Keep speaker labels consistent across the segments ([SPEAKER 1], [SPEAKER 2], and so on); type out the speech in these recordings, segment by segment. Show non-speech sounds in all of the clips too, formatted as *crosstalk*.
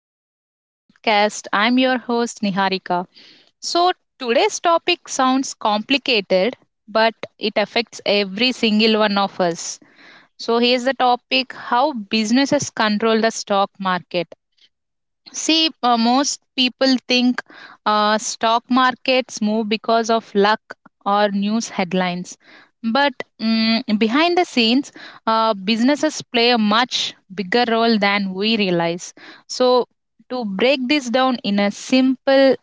[SPEAKER 1] back to the podcast. I'm your host Niharika. So, today's topic sounds complicated, but it affects every single one of us. So, here's the topic how businesses control the stock market. See, most people think stock markets move because of luck or news headlines. But behind the scenes, businesses play a much bigger role than we realize. So, to break this down in a simple,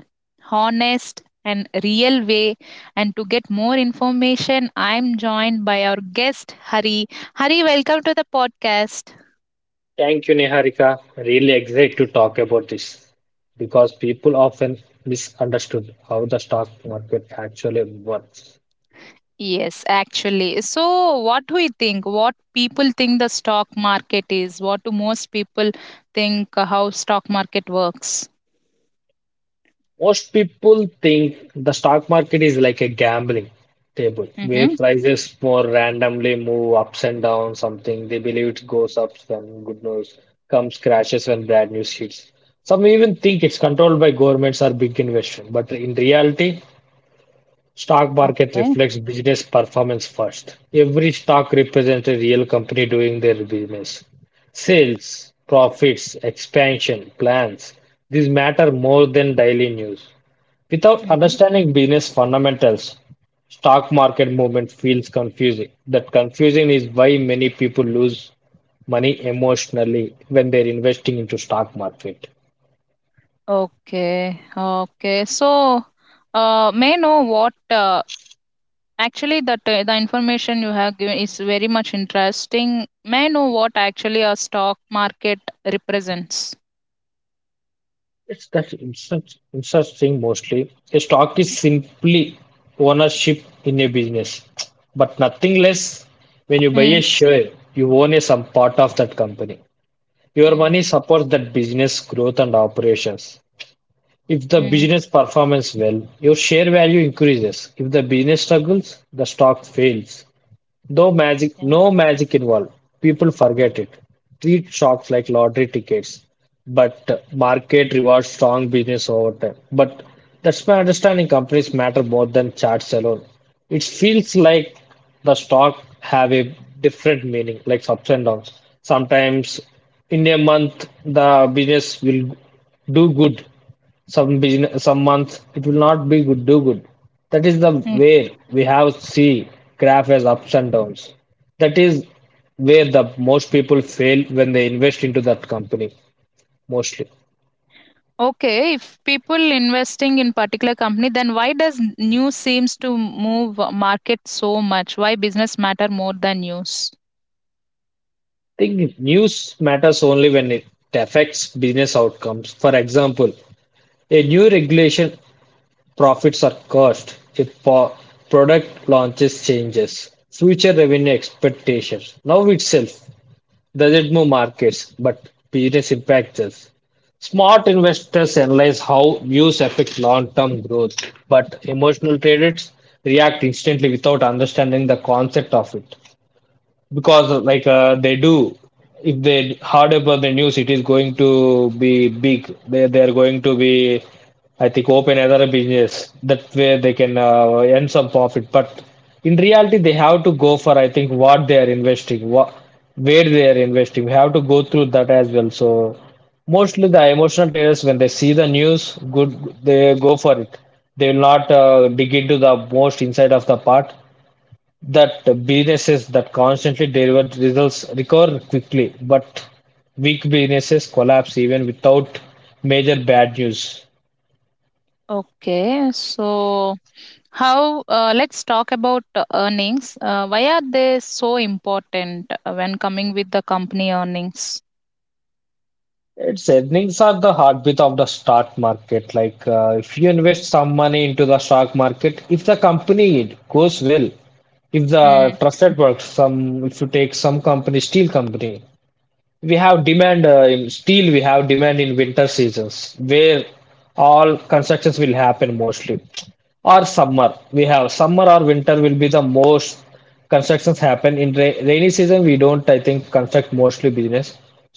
[SPEAKER 1] honest, and real way, and to get more information, I'm joined by our guest, Hari. Hari, welcome to the podcast.
[SPEAKER 2] Thank you, Niharika. Really excited to talk about this because people often misunderstood how the stock market actually works.
[SPEAKER 1] Yes, actually. So, what do you think? What people think the stock market is? What do most people think how stock market works?
[SPEAKER 2] Most people think the stock market is like a gambling table where
[SPEAKER 1] Mm-hmm.
[SPEAKER 2] prices more randomly move ups and down something. They believe it goes up when good news comes, crashes when bad news hits. Some even think it's controlled by governments or big investors, but in reality, stock market
[SPEAKER 1] Okay.
[SPEAKER 2] reflects business performance first. Every stock represents a real company doing their business. Sales, profits, expansion, plans, these matter more than daily news. Without
[SPEAKER 1] Mm-hmm.
[SPEAKER 2] understanding business fundamentals, stock market movement feels confusing. That confusion is why many people lose money emotionally when they're investing into stock market.
[SPEAKER 1] Okay, okay. So, may I know what actually the information you have given is very much interesting. May I know what actually a stock market represents?
[SPEAKER 2] It's that in such thing mostly. A stock is simply ownership in a business, but nothing less. When you buy
[SPEAKER 1] Mm.
[SPEAKER 2] a share, you own a some part of that company. Your
[SPEAKER 1] Mm-hmm.
[SPEAKER 2] money supports that business growth and operations. If the
[SPEAKER 1] Mm.
[SPEAKER 2] business performs well, your share value increases. If the business struggles, the stock fails. No magic,
[SPEAKER 1] Okay.
[SPEAKER 2] no magic involved. People forget it. Treat stocks like lottery tickets, but market rewards strong business over time. But that's my understanding. Companies matter more than charts alone. It feels like the stock have a different meaning, like ups and downs. Sometimes in a month the business will do good, some business, some months it will not be good, do good. That is the where we have see graph as ups and downs. That is where the most people fail when they invest into that company mostly. I
[SPEAKER 1] Okay, if people investing in particular company, then why does news seems to move market so much? Why business matter more than news?
[SPEAKER 2] think news matters only when it affects business outcomes. For example, a new regulation profits are cost if product launches changes, future revenue expectations. Now itself, doesn't move markets, but business impactors. Smart investors analyze how views affect long-term growth, but emotional traders react instantly without understanding the concept of it because they do if they hard about the news it is going to be big they are going to be I think open other business that way they can earn some profit but in reality they have to go for I think what they are investing what where they are investing we have to go through that as well so mostly the emotional traders when they see the news good they go for it they will not dig into the most inside of the part that businesses that constantly deliver results recover quickly, but weak businesses collapse even without major bad news.
[SPEAKER 1] Okay, so how? Let's talk about earnings. Why are they so important when coming with the company earnings?
[SPEAKER 2] Its earnings are the heartbeat of the stock market. Like if you invest some money into the stock market, if the company goes well, if the trusted works, some if you take some company, steel company, we have demand in steel we have demand in winter seasons where all constructions will happen mostly or summer we have summer or winter will be the most constructions happen in rainy season we don't I think construct mostly business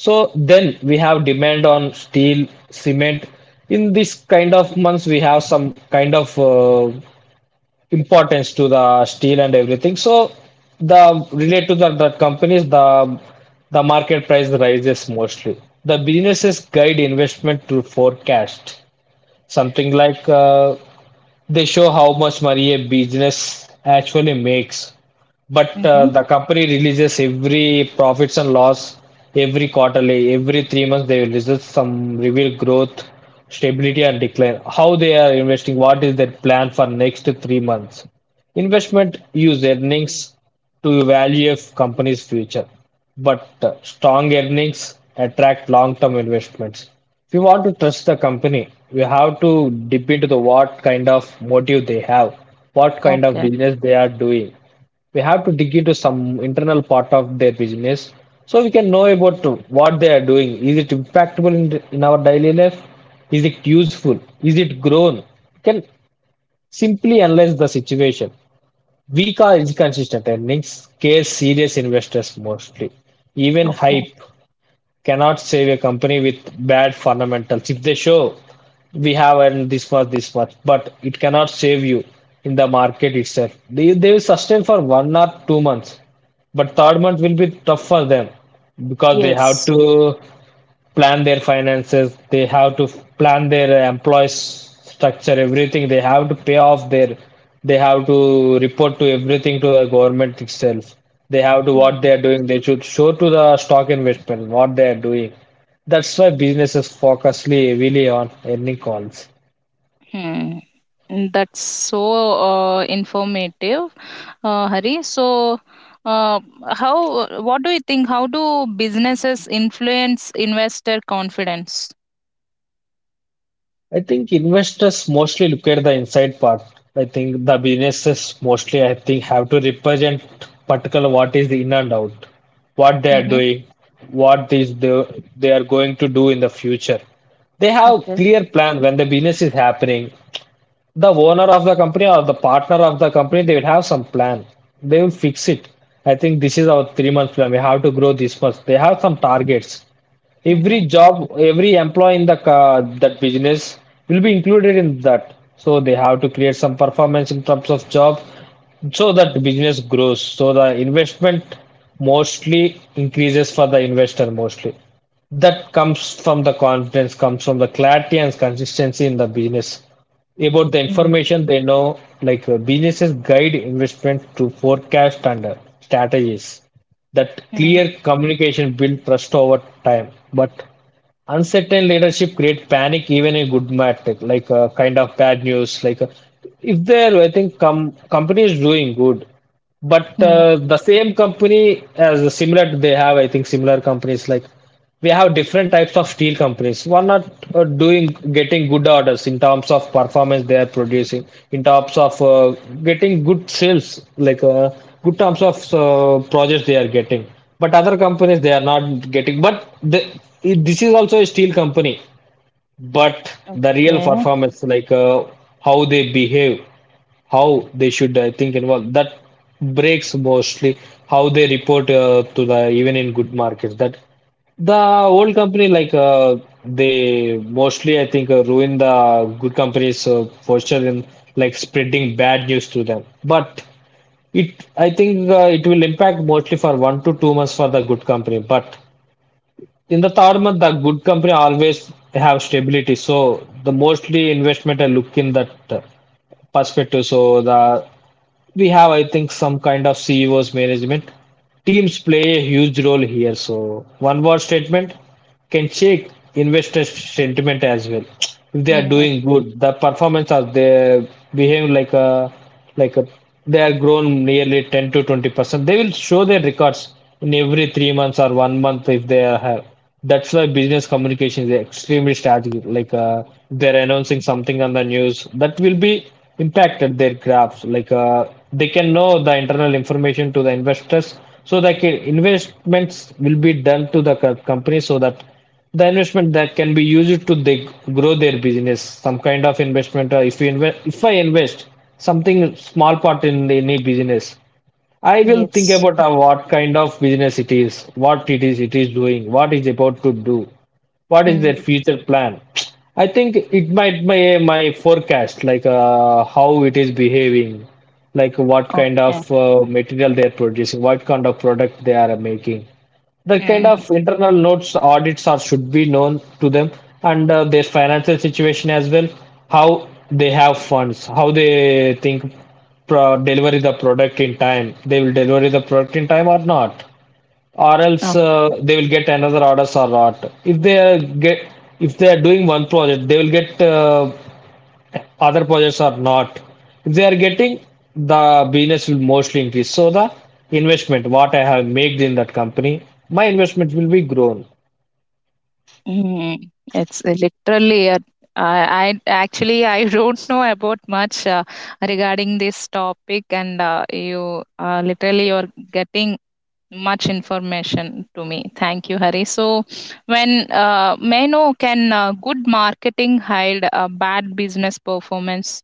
[SPEAKER 2] so then we have demand on steel cement in this kind of months we have some kind of importance to the steel and everything. So the relate to the companies, the market price rises mostly. The businesses guide investment to forecast something like they show how much money a business actually makes, but
[SPEAKER 1] Mm-hmm.
[SPEAKER 2] the company releases every profits and loss every quarterly, every 3 months they will release some reveal growth, stability and decline. How they are investing, what is their plan for next 3 months? Investment use earnings to value a company's future, but strong earnings attract long-term investments. If you want to trust the company, we have to dip into the what kind of motive they have, what kind of
[SPEAKER 1] Okay.
[SPEAKER 2] business they are doing. We have to dig into some internal part of their business so we can know about what they are doing. Is it impactable in our daily life? Is it useful? Is it grown? You can simply analyze the situation. Weak or inconsistent earnings scare serious investors mostly. Even
[SPEAKER 1] Okay.
[SPEAKER 2] hype cannot save a company with bad fundamentals. If they show we have earned this much, but it cannot save you in the market itself. They will sustain for 1 or 2 months, but third month will be tough for them because they have
[SPEAKER 1] Yes.
[SPEAKER 2] to plan their finances they have to plan their employees structure everything they have to pay off their they have to report to everything to the government itself they have to what they are doing they should show to the stock investment what they are doing that's why businesses focus heavily on earning calls.
[SPEAKER 1] Hmm. That's so informative, Hari. So, uh, how? What do you think? How do businesses influence investor confidence?
[SPEAKER 2] I think investors mostly look at the inside part. I think the businesses mostly, I think, have to represent particular what is in and out, what they are
[SPEAKER 1] Mm-hmm.
[SPEAKER 2] doing, what is the, they are going to do in the future. They have
[SPEAKER 1] Okay.
[SPEAKER 2] clear plan when the business is happening. The owner of the company or the partner of the company, they will have some plan. They will fix it. I think this is our 3 month plan. We have to grow this much. They have some targets
[SPEAKER 1] Mm-hmm.
[SPEAKER 2] every job, every employee in the that business will be included in that. So they have to create some performance in terms of job, so that business grows. So the investment mostly increases for the investor mostly. That comes from the confidence, comes from the clarity and consistency in the business about the information they know, like businesses guide investment to forecast and strategies. That
[SPEAKER 1] Mm-hmm.
[SPEAKER 2] clear communication builds trust over time. But uncertain leadership creates panic even in good matter, like a kind of bad news. Like if there, I think company is doing good, but
[SPEAKER 1] Mm.
[SPEAKER 2] the same company as similar, they have I think similar companies like we have different types of steel companies. One are doing getting good orders in terms of performance they are producing, in terms of getting good sales, like good terms of projects they are getting. But other companies they are not getting. But the, this is also a steel company. But the real
[SPEAKER 1] Okay.
[SPEAKER 2] performance, like how they behave, how they should I think involve that breaks mostly how they report to the even in good markets that the old company like they mostly I think ruin the good companies posture in like spreading bad news to them but it I think it will impact mostly for 1 to 2 months for the good company but in the third month the good company always have stability so the mostly investment I look in that perspective so the we have I think some kind of CEOs management teams play a huge role here so one word statement can shake investor sentiment as well. If they are
[SPEAKER 1] Mm-hmm.
[SPEAKER 2] doing good, the performance of they behave like a they are grown nearly 10 to 20%. They will show their records in every 3 months or 1 month if they are have. That's why business communication is extremely strategic. Like they're announcing something on the news that will be impacted their graphs. Like they can know the internal information to the investors so that investments will be done to the company so that the investment that can be used to they grow their business some kind of investment or if you invest if I invest something small part in any business I will think
[SPEAKER 1] Yes.
[SPEAKER 2] about what kind of business it is, what it is doing, what is about to do, what is their
[SPEAKER 1] Mm.
[SPEAKER 2] future plan. I think it might my forecast like how it is behaving, like what kind of
[SPEAKER 1] Okay.
[SPEAKER 2] material they are producing, what kind of product they are making the kind of
[SPEAKER 1] Mm.
[SPEAKER 2] internal notes audits are should be known to them and their financial situation as well how they have funds how they think deliver the product in time they will deliver the product in time or not or else they will get another orders or not if they are get if they are doing one project they will get other projects are not. If they are getting, the business will mostly increase. So the investment, what I have made in that company, my investment will be grown.
[SPEAKER 1] Mhm. It's literally a I I actually I *laughs* don't know about much regarding this topic, and you literally you're getting much information to me. Thank you, Hari. So, when may I know can good marketing hide a bad business performance?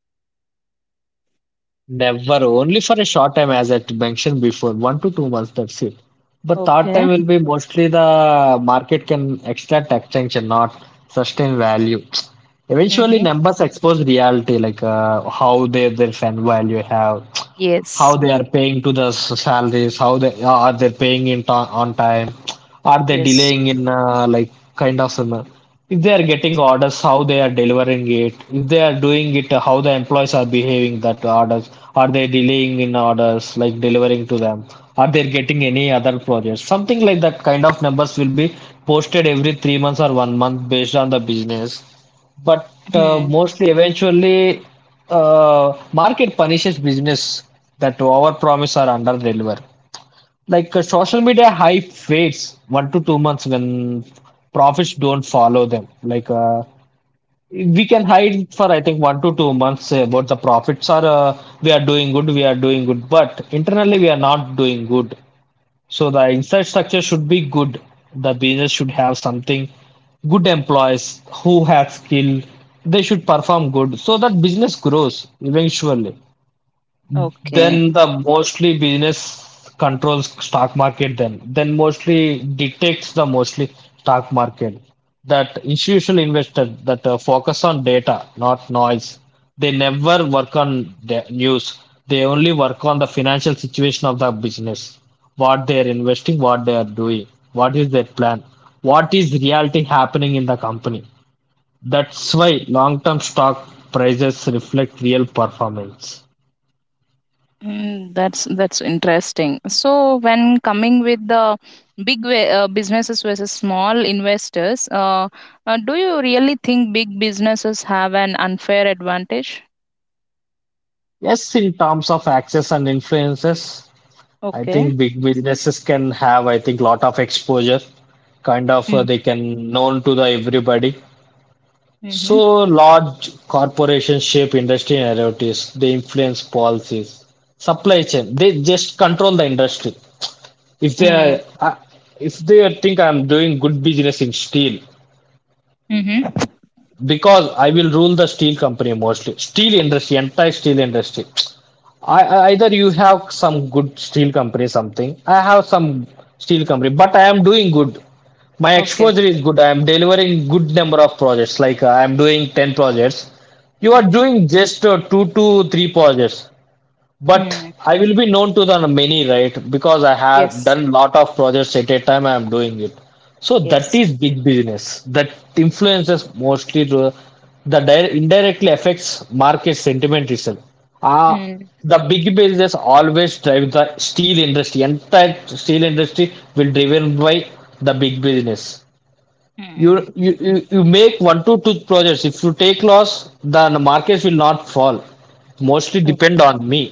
[SPEAKER 2] Never, only for a short time, as I mentioned before, 1 to 2 months, that's it. But third
[SPEAKER 1] Okay.
[SPEAKER 2] time will be mostly the market can extract extension, not sustain value. Eventually,
[SPEAKER 1] Mm-hmm.
[SPEAKER 2] numbers expose reality, like how they their fan value have, how
[SPEAKER 1] Yes.
[SPEAKER 2] they are paying to the salaries, how they are they paying in on time, are they
[SPEAKER 1] Yes.
[SPEAKER 2] delaying in like kind of. uh, if they are getting orders, how they are delivering it, if they are doing it, how the employees are behaving that orders, are they delaying in orders, like delivering to them, are they getting any other projects, something like that. Kind of numbers will be posted every 3 months or 1 month based on the business. But
[SPEAKER 1] Hmm.
[SPEAKER 2] mostly eventually, market punishes business that over promise or under deliver. Like social media hype fades 1 to 2 months when profits don't follow them. Like we can hide for I think 1 to 2 months about the profits are, we are doing good, we are doing good, but internally we are not doing good. So the inside structure should be good. The business should have something good employees who have skill. They should perform good so that business grows eventually.
[SPEAKER 1] Okay.
[SPEAKER 2] Then the mostly business controls stock market then. Then mostly detects the mostly stock market. That institutional investor that focus on data, not noise. They never work on the news. They only work on the financial situation of the business. What they are investing, what they are doing, what is their plan, what is reality happening in the company. That's why long-term stock prices reflect real performance.
[SPEAKER 1] That's interesting. So when coming with the big way, businesses versus small investors, do you really think big businesses have an unfair advantage?
[SPEAKER 2] Yes, in terms of access and influences, I
[SPEAKER 1] Okay.
[SPEAKER 2] think big businesses can have, I think, lot of exposure. Kind of,
[SPEAKER 1] Mm,
[SPEAKER 2] they can known to the everybody.
[SPEAKER 1] mm-hmm.
[SPEAKER 2] So large corporations shape industry narratives. They influence policies, supply chain. They just control the industry. If they
[SPEAKER 1] Mm,
[SPEAKER 2] are, uh, if they think I'm doing good business in steel,
[SPEAKER 1] mm-hmm.
[SPEAKER 2] because I will rule the steel company mostly. Steel industry, entire steel industry. Either you have some good steel company something. I have some steel company, but I am doing good. My
[SPEAKER 1] Okay.
[SPEAKER 2] exposure is good. I am delivering good number of projects. Like I am doing 10 projects. You are
[SPEAKER 1] Mm-hmm.
[SPEAKER 2] doing just two to three projects. But
[SPEAKER 1] Mm.
[SPEAKER 2] I will be known to the many, right? Because I have
[SPEAKER 1] Yes.
[SPEAKER 2] done lot of projects at a time. I am doing it, so that
[SPEAKER 1] Yes.
[SPEAKER 2] is big business. That influences mostly indirectly affects market sentiment itself. Ah,
[SPEAKER 1] Mm.
[SPEAKER 2] the big business always drives the steel industry. Entire steel industry will driven by the big business. You,
[SPEAKER 1] Mm.
[SPEAKER 2] you you you make one to two projects. If you take loss, then the markets will not fall. Mostly
[SPEAKER 1] Oh.
[SPEAKER 2] depend on me.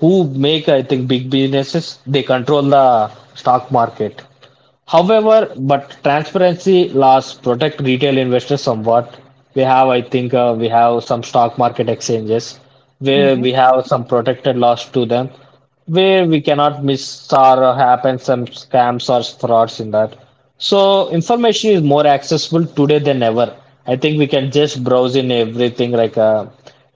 [SPEAKER 2] Who make I think big businesses, they control the stock market. However, but transparency laws protect retail investors somewhat. We have, I think, we have some stock market exchanges where
[SPEAKER 1] Mm-hmm.
[SPEAKER 2] we have some protected laws to them, where we cannot miss or happen some scams or frauds in that. So information is more accessible today than ever. I think we can just browse in everything, like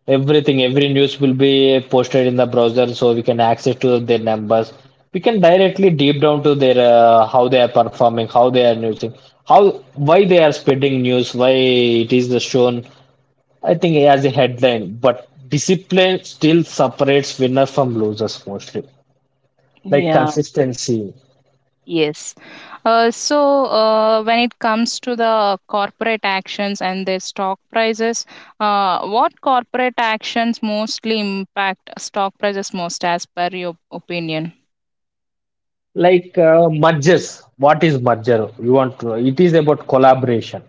[SPEAKER 2] everything, every news will be posted in the browser so we can access to their numbers. We can directly deep down to their how they are performing, how they are using, how why they are spreading news, why it is the shown. I think as a headline, but discipline still separates winners from losers mostly, like
[SPEAKER 1] Yeah.
[SPEAKER 2] consistency,
[SPEAKER 1] Yes. When it comes to the corporate actions and their stock prices, what corporate actions mostly impact stock prices most, as per your opinion?
[SPEAKER 2] like mergers, what is merger you want to, it is about collaboration.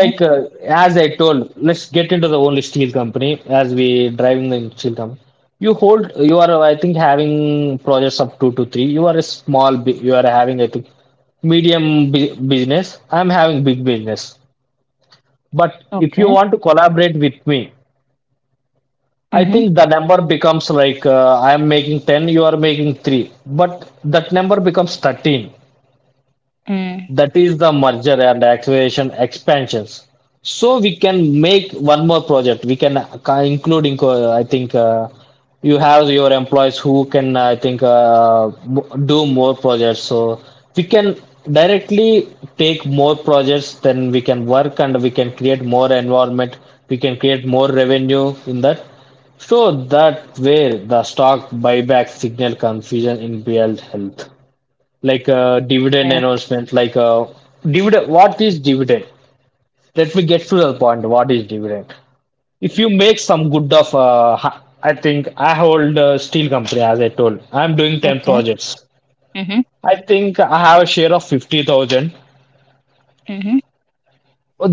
[SPEAKER 2] Like as I told, let's get into the only steel company, as we driving the steel company, you are, I think, having projects of 2 to 3. You are a small you are having, I think, medium business. I'm having big business, but if you
[SPEAKER 1] Okay.
[SPEAKER 2] want to collaborate with me, I
[SPEAKER 1] Mm-hmm.
[SPEAKER 2] think the number becomes, like I am making 10, you are making 3. But that number becomes 13.
[SPEAKER 1] Mm.
[SPEAKER 2] That is the merger and acquisition expansions. So we can make one more project. We can include, I think, you have your employees who can, I think, do more projects. So we can directly take more projects, then we can work and we can create more environment. We can create more revenue in that. So that way the stock buyback signal confusion in BL health, like a dividend
[SPEAKER 1] Okay.
[SPEAKER 2] announcement, like a dividend. What is dividend? Let me get to the point. What is dividend? If you make some good of, I think I hold a steel company, as I told. I'm doing ten
[SPEAKER 1] Okay.
[SPEAKER 2] projects.
[SPEAKER 1] Mm-hmm.
[SPEAKER 2] I think I have a share of 50,000,
[SPEAKER 1] Mm-hmm.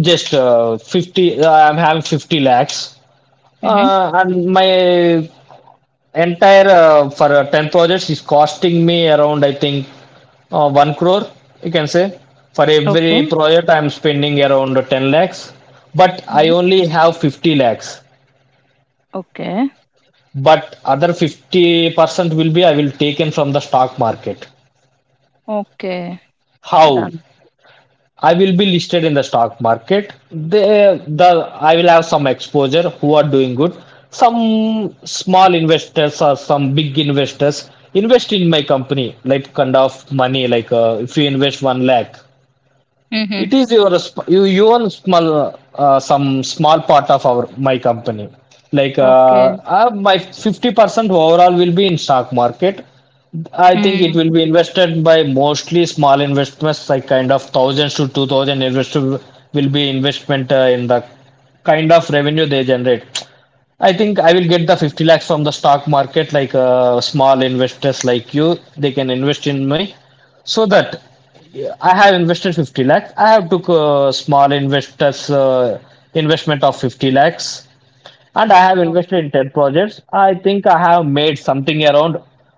[SPEAKER 2] just 50. I'm having 50 lakhs,
[SPEAKER 1] Mm-hmm.
[SPEAKER 2] and my entire for 10 projects is costing me around, I think, 1 crore, you can say. For every
[SPEAKER 1] Okay.
[SPEAKER 2] project, I'm spending around 10 lakhs, but I
[SPEAKER 1] Mm-hmm.
[SPEAKER 2] only have 50 lakhs.
[SPEAKER 1] Okay.
[SPEAKER 2] But other 50% will be I will taken from the stock market.
[SPEAKER 1] Okay.
[SPEAKER 2] How?
[SPEAKER 1] Done.
[SPEAKER 2] I will be listed in the stock market. They, the I will have some exposure who are doing good. Some small investors or some big investors invest in my company, like kind of money. Like if you invest 1 lakh, it
[SPEAKER 1] Mm-hmm.
[SPEAKER 2] is you own small, some small part of our my company. Like
[SPEAKER 1] Okay.
[SPEAKER 2] my 50% overall will be in stock market. I think it
[SPEAKER 1] Mm.
[SPEAKER 2] will be invested by mostly small investments, like kind of thousands to 2,000 investor will be investment, in the kind of revenue they generate. I think I will get the 50 lakhs from the stock market, like small investors like you, they can invest in me, so that I have invested 50 lakhs. I have took small investors investment of 50 lakhs and I have
[SPEAKER 1] O-
[SPEAKER 2] invested in 10 projects. I think I have made something around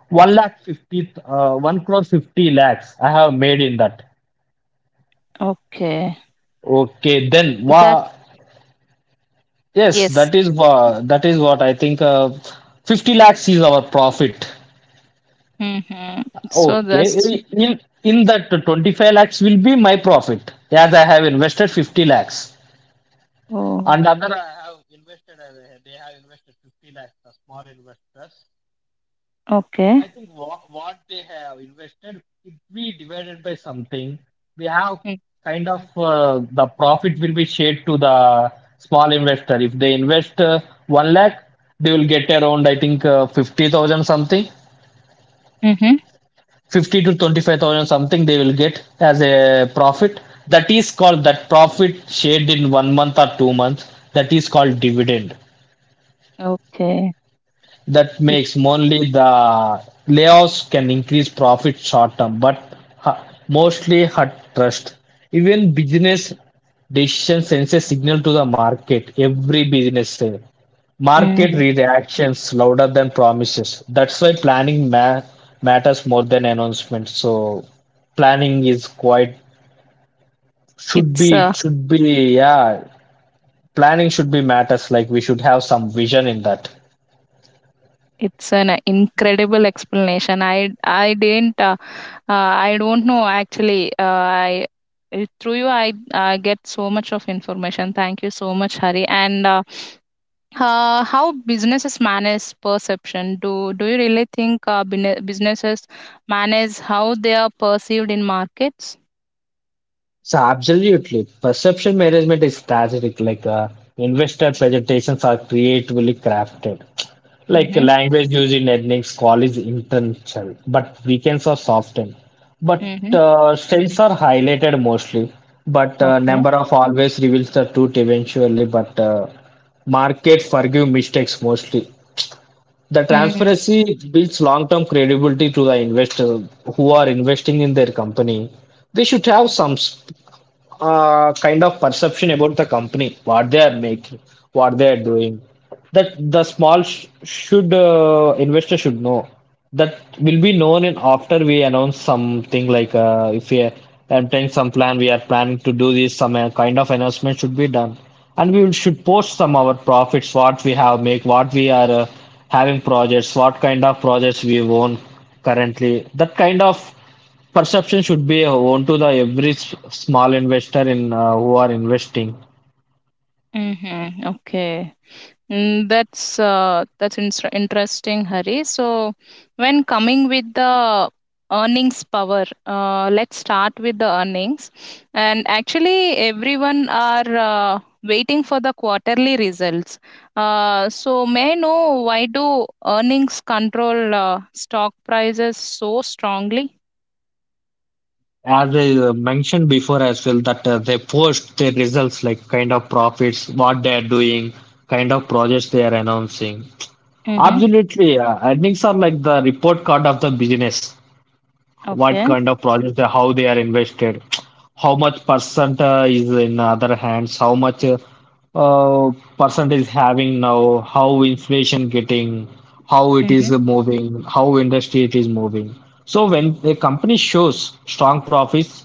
[SPEAKER 2] 1 lakh 50, 1 crore 50 lakhs. I have made in that.
[SPEAKER 1] Okay.
[SPEAKER 2] Okay, then,
[SPEAKER 1] That
[SPEAKER 2] wow, yes,
[SPEAKER 1] yes.
[SPEAKER 2] that is what I think 50 lakhs is our profit.
[SPEAKER 1] Mm-hmm. So that's
[SPEAKER 2] Okay, in that 25 lakhs will be my profit, as I have invested 50 lakhs.
[SPEAKER 1] oh
[SPEAKER 2] And other I have invested, they have invested 50 lakhs, the small investors.
[SPEAKER 1] okay.
[SPEAKER 2] Then, if we divided by something, we have
[SPEAKER 1] Mm,
[SPEAKER 2] kind of, the profit will be shared to the small investor. If they invest 1 lakh, they will get around, I think, 50,000 something,
[SPEAKER 1] mhm.
[SPEAKER 2] 50 to 25,000 something they will get as a profit. That is called that profit shared in 1 month or 2 months. That is called dividend.
[SPEAKER 1] Okay.
[SPEAKER 2] That
[SPEAKER 1] Mm.
[SPEAKER 2] makes only the layoffs can increase profit short term, but hu- mostly hurt trust. Even business decision sends a signal to the market. Every business say market
[SPEAKER 1] mm.
[SPEAKER 2] reactions louder than promises. That's why planning matters more than announcement. So planning is quite, should
[SPEAKER 1] It's
[SPEAKER 2] be,
[SPEAKER 1] uh,
[SPEAKER 2] it should be, yeah, planning should be matters, like we should have some vision in that.
[SPEAKER 1] it's an incredible explanation. I don't know actually. I Through you I get so much of information. Thank you so much, Hari. And how businesses manage perception? Do you really think businesses manage how they are perceived in markets?
[SPEAKER 2] So absolutely, perception management is strategic. Like investor presentations are creatively crafted. Like
[SPEAKER 1] Mm-hmm.
[SPEAKER 2] language used in earnings call is intentional, but weekends are softened. But
[SPEAKER 1] Mm-hmm.
[SPEAKER 2] sales are highlighted mostly. But
[SPEAKER 1] Okay.
[SPEAKER 2] number of always reveals the truth eventually. But market forgive mistakes mostly. The
[SPEAKER 1] Mm-hmm.
[SPEAKER 2] transparency builds long-term credibility to the investor who are investing in their company. They should have some kind of perception about the company, what they are making, what they are doing. That the small sh should, investor should know that will be known in, after we announce something, like if we obtain some plan, we are planning to do this, some kind of announcement should be done and should post some our profits, what we have make, what we are having projects, what kind of projects we own currently. That kind of perception should be owned to the every small investor in, who are investing.
[SPEAKER 1] Mhm. Okay. That's that's interesting, Hari. So, when coming with the earnings power, let's start with the earnings. And actually, everyone are waiting for the quarterly results. So, may I know why do earnings control stock prices so strongly?
[SPEAKER 2] As I mentioned before as well, that they post their results, like kind of profits, what they are doing, kind of projects they are announcing.
[SPEAKER 1] Mm-hmm.
[SPEAKER 2] Absolutely, earnings are like the report card of the business. What
[SPEAKER 1] Okay.
[SPEAKER 2] kind of projects, how they are invested, how much percent is in other hands, how much uh, percent is having now, how inflation getting, how it
[SPEAKER 1] Mm-hmm.
[SPEAKER 2] is moving, how industry it is moving. So when a company shows strong profits,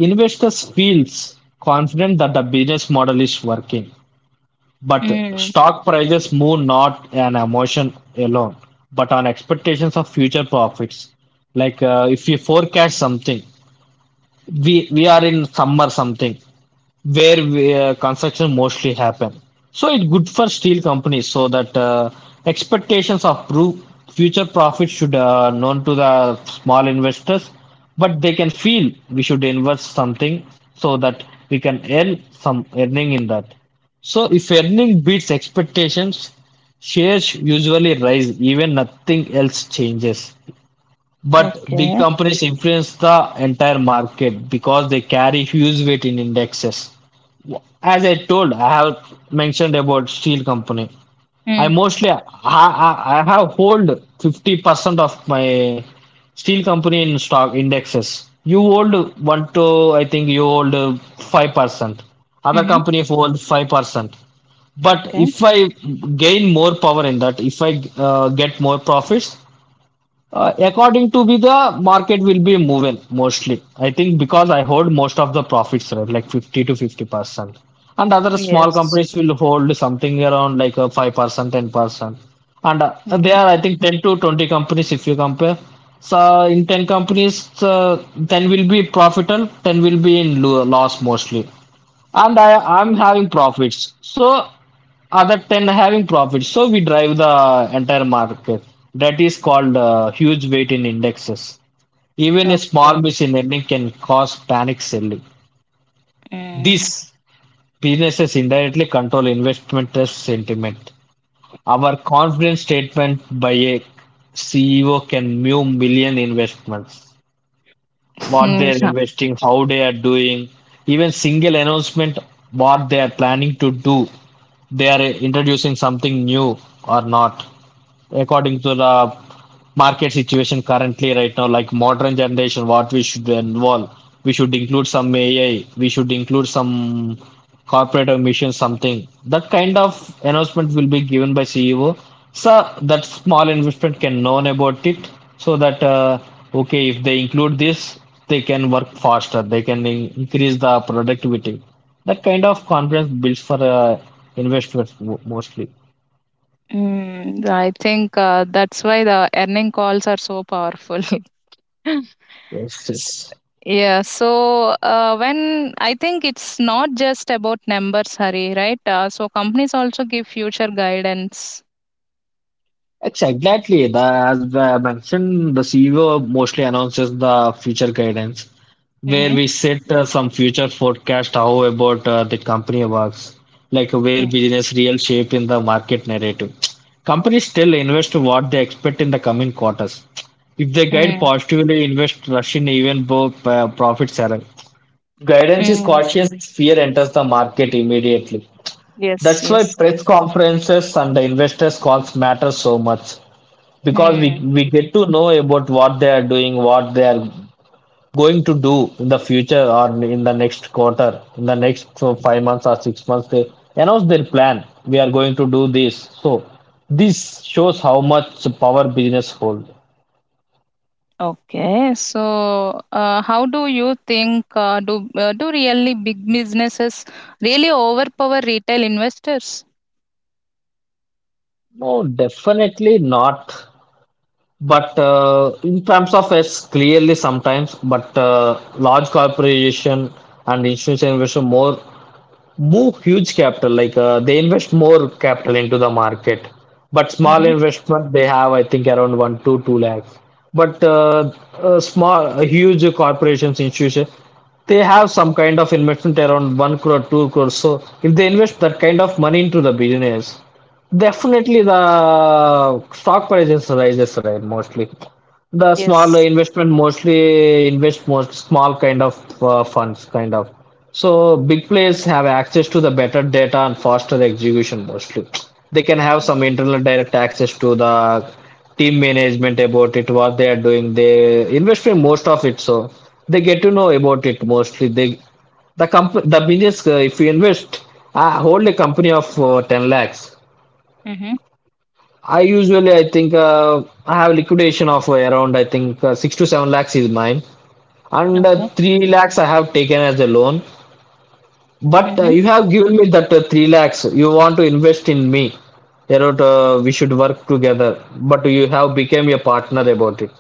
[SPEAKER 2] investors feels confident that the business model is working, but
[SPEAKER 1] Mm.
[SPEAKER 2] stock prices move not on emotion alone, but on expectations of future profits. Like if we forecast something, we are in summer something where we, construction mostly happen. So it's good for steel companies, so that expectations of future profits should, known to the small investors, but they can feel we should invest something so that we can earn some earning in that. So if earning beats expectations, shares usually rise even nothing else changes. But big
[SPEAKER 1] Okay.
[SPEAKER 2] companies influence the entire market because they carry huge weight in indexes. As I told, I have mentioned about steel company. I
[SPEAKER 1] Mm.
[SPEAKER 2] mostly, I have hold 50% of my steel company in stock indexes. You hold one to I think you hold 5%. Other
[SPEAKER 1] Mm-hmm.
[SPEAKER 2] company hold 5%. But
[SPEAKER 1] Okay.
[SPEAKER 2] if I gain more power in that, if I get more profits, according to me, the market will be moving mostly. I think because I hold most of the profits, right, like 50 to 50%. And other small
[SPEAKER 1] Yes.
[SPEAKER 2] companies will hold something around like a 5%, 10%. And there are,
[SPEAKER 1] Mhm.
[SPEAKER 2] I think, 10 to 20 companies if you compare. So in 10 companies, 10 will be profitable, 10 will be in loss mostly and I'm having profits. So other 10 having profits. So we drive the entire market. That is called huge weight in indexes. Even a
[SPEAKER 1] Okay.
[SPEAKER 2] small miss in earning can cause panic selling.
[SPEAKER 1] Mm.
[SPEAKER 2] These businesses indirectly control investment risk sentiment. Our confidence statement by a CEO can move million investments. What
[SPEAKER 1] Hmm,
[SPEAKER 2] they're
[SPEAKER 1] so-
[SPEAKER 2] investing, how they are doing, even single announcement, what they are planning to do, they are introducing something new or not according to the market situation currently right now, like modern generation what we should involve, we should include some AI, we should include some corporate emission, something that kind of announcement will be given by CEO, so that small investment can know about it. So that okay, if they include this, they can work faster, they can increase the productivity. That kind of confidence builds for investors mostly.
[SPEAKER 1] I think that's why the earning calls are so powerful. *laughs*
[SPEAKER 2] Yes,
[SPEAKER 1] S-
[SPEAKER 2] yes.
[SPEAKER 1] Yeah, so when I think it's not just about numbers, Hari, right? So companies also give future guidance.
[SPEAKER 2] Exactly. The, as I mentioned, the CEO mostly announces the future guidance, where
[SPEAKER 1] Mm-hmm.
[SPEAKER 2] we set some future forecast how about the company works, like where
[SPEAKER 1] Mm,
[SPEAKER 2] business real shape in the market narrative. Companies still invest what they expect in the coming quarters. If they guide
[SPEAKER 1] mm,
[SPEAKER 2] positively, invest rush in even though profits are. Guidance is
[SPEAKER 1] mm.
[SPEAKER 2] cautious, fear enters the market immediately.
[SPEAKER 1] Yes,
[SPEAKER 2] That's why
[SPEAKER 1] yes.
[SPEAKER 2] press conferences and the investors calls matter so much, because we get to know about what they are doing, what they are going to do in the future, or in the next quarter, in the next so, 5 months or 6 months, they announce their plan. We are going to do this. So this shows how much power business hold.
[SPEAKER 1] Okay, so how do you think do really big businesses really overpower retail investors?
[SPEAKER 2] No, definitely not, but in terms of s clearly sometimes, but large corporation and institutional investor more move huge capital, like they invest more capital into the market. But small
[SPEAKER 1] Mm-hmm.
[SPEAKER 2] investment, they have I think around 1 to 2 lakhs, but small huge corporations institution, they have some kind of investment around 1 crore 2 crore. So if they invest that kind of money into the business, definitely the stock prices rises, right, mostly. The small
[SPEAKER 1] Yes.
[SPEAKER 2] investment mostly invest most small kind of funds kind of. So big players have access to the better data and faster execution mostly. They can have some internal direct access to the team management about it, what they are doing. They invest in most of it, so they get to know about it mostly. They the comp the business if you invest, I hold a company of 10 lakhs.
[SPEAKER 1] Mm-hmm.
[SPEAKER 2] I usually I think I have liquidation of around I think 6 to 7 lakhs is mine, and
[SPEAKER 1] Okay.
[SPEAKER 2] 3 lakhs I have taken as a loan. But
[SPEAKER 1] Mm-hmm.
[SPEAKER 2] you have given me that 3 lakhs. You want to invest in me. About, we should work together. But you have become a partner about it.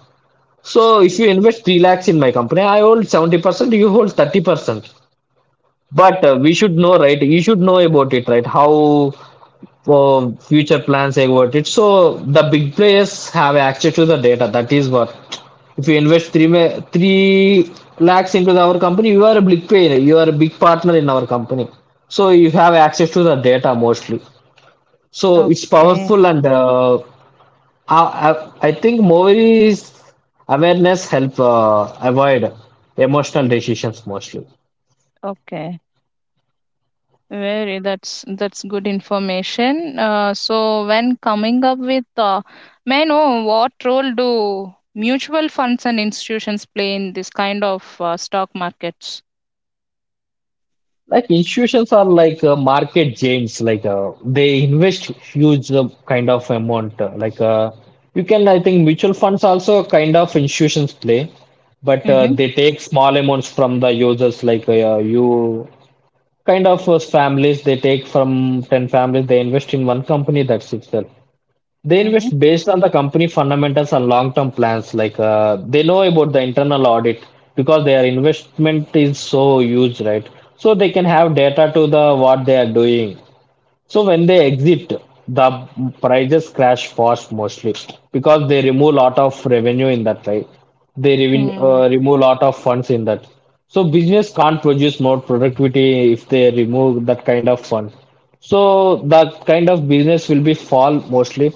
[SPEAKER 2] So if you invest 3 lakhs in my company, I hold 70%, you hold 30%. But we should know, right? You should know about it, right? How for future plans about it. So the big players have access to the data. That is what. If you invest three lakhs into our company, you are a big player. You are a big partner in our company. So you have access to the data mostly. So it's
[SPEAKER 1] Okay.
[SPEAKER 2] powerful and I, I think Movies awareness help avoid emotional decisions mostly.
[SPEAKER 1] Okay. Very. That's good information. So when coming up with, may I know what role do mutual funds and institutions play in this kind of stock markets?
[SPEAKER 2] Like institutions are like market giants. Like they invest huge kind of amount. Like you can, I think mutual funds also kind of institutions play, but
[SPEAKER 1] Mm-hmm.
[SPEAKER 2] they take small amounts from the users. Like you kind of families, they take from 10 families, they invest in one company. That's itself. They
[SPEAKER 1] Mm-hmm.
[SPEAKER 2] invest based on the company fundamentals and long-term plans. Like they know about the internal audit because their investment is so huge, right? So they can have data to the what they are doing. So when they exit, the prices crash fast mostly, because they remove lot of revenue in that, right? They
[SPEAKER 1] Mm.
[SPEAKER 2] remove lot of funds in that. So business can't produce more productivity if they remove that kind of fund. So that kind of business will be fall mostly,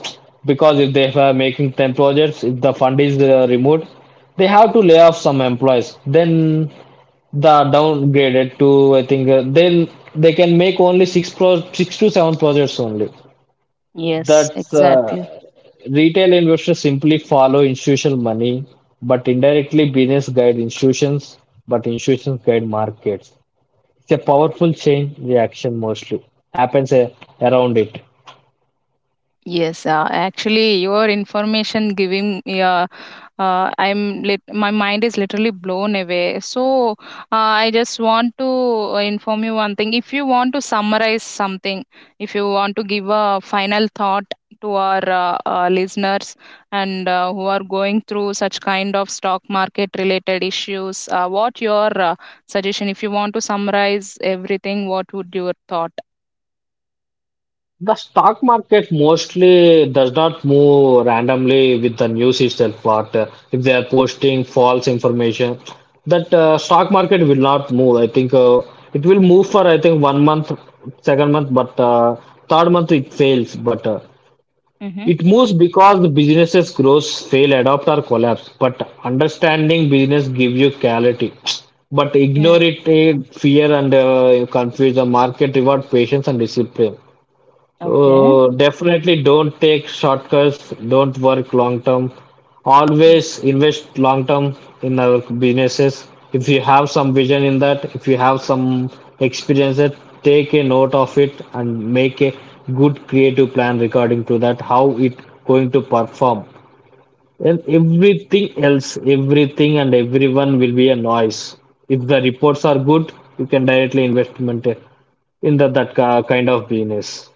[SPEAKER 2] because if they are making 10 projects, if the fund is removed, they have to lay off some employees. Then the downgraded to I think they can make only 6 to 7 projects only.
[SPEAKER 1] Yes.
[SPEAKER 2] That's
[SPEAKER 1] Exactly.
[SPEAKER 2] retail investors simply follow institutional money, but indirectly business guide institutions, but institutions guide markets. It's a powerful chain reaction mostly happens around it.
[SPEAKER 1] Yes, actually, your information giving, yeah, I'm my mind is literally blown away. So, I just want to inform you one thing. If you want to summarize something, if you want to give a final thought to our listeners and who are going through such kind of stock market related issues, what your suggestion? If you want to summarize everything, what would your thought?
[SPEAKER 2] The stock market mostly does not move randomly with the news itself. But if they are posting false information, that stock market will not move. I think it will move for I think 1 month, second month, but third month it fails. But
[SPEAKER 1] Mm-hmm.
[SPEAKER 2] it moves because the businesses grows, fail, adopt or collapse. But understanding business gives you clarity. But ignore
[SPEAKER 1] Mm,
[SPEAKER 2] it, eh, fear and confuse the market reward patience and discipline.
[SPEAKER 1] okay.
[SPEAKER 2] Definitely don't take shortcuts, don't work long term. Always invest long term in our businesses. If you have some vision in that, if you have some experience that, take a note of it and make a good creative plan regarding to that, how it going to perform. And everything else, everything and everyone will be a noise. If the reports are good, you can directly investment in the, that kind of business.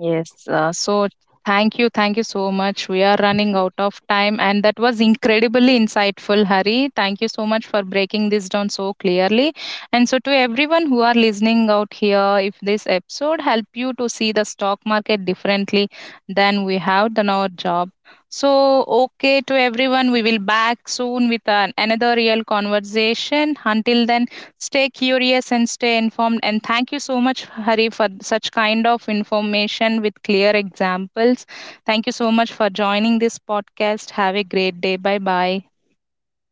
[SPEAKER 1] Yes. So thank you. Thank you so much. We are running out of time, and that was incredibly insightful, Hari. Thank you so much for breaking this down so clearly. And so, to everyone who are listening out here, if this episode help you to see the stock market differently than we have done our job. So, okay to everyone, we will back soon with an, another real conversation. Until then, stay curious and stay informed. And thank you so much, Hari, for such kind of information with clear examples. Thank you so much for joining this podcast. Have a great day. Bye bye.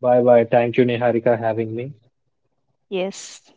[SPEAKER 2] Bye bye. Thank you, Niharika, having me.
[SPEAKER 1] Yes.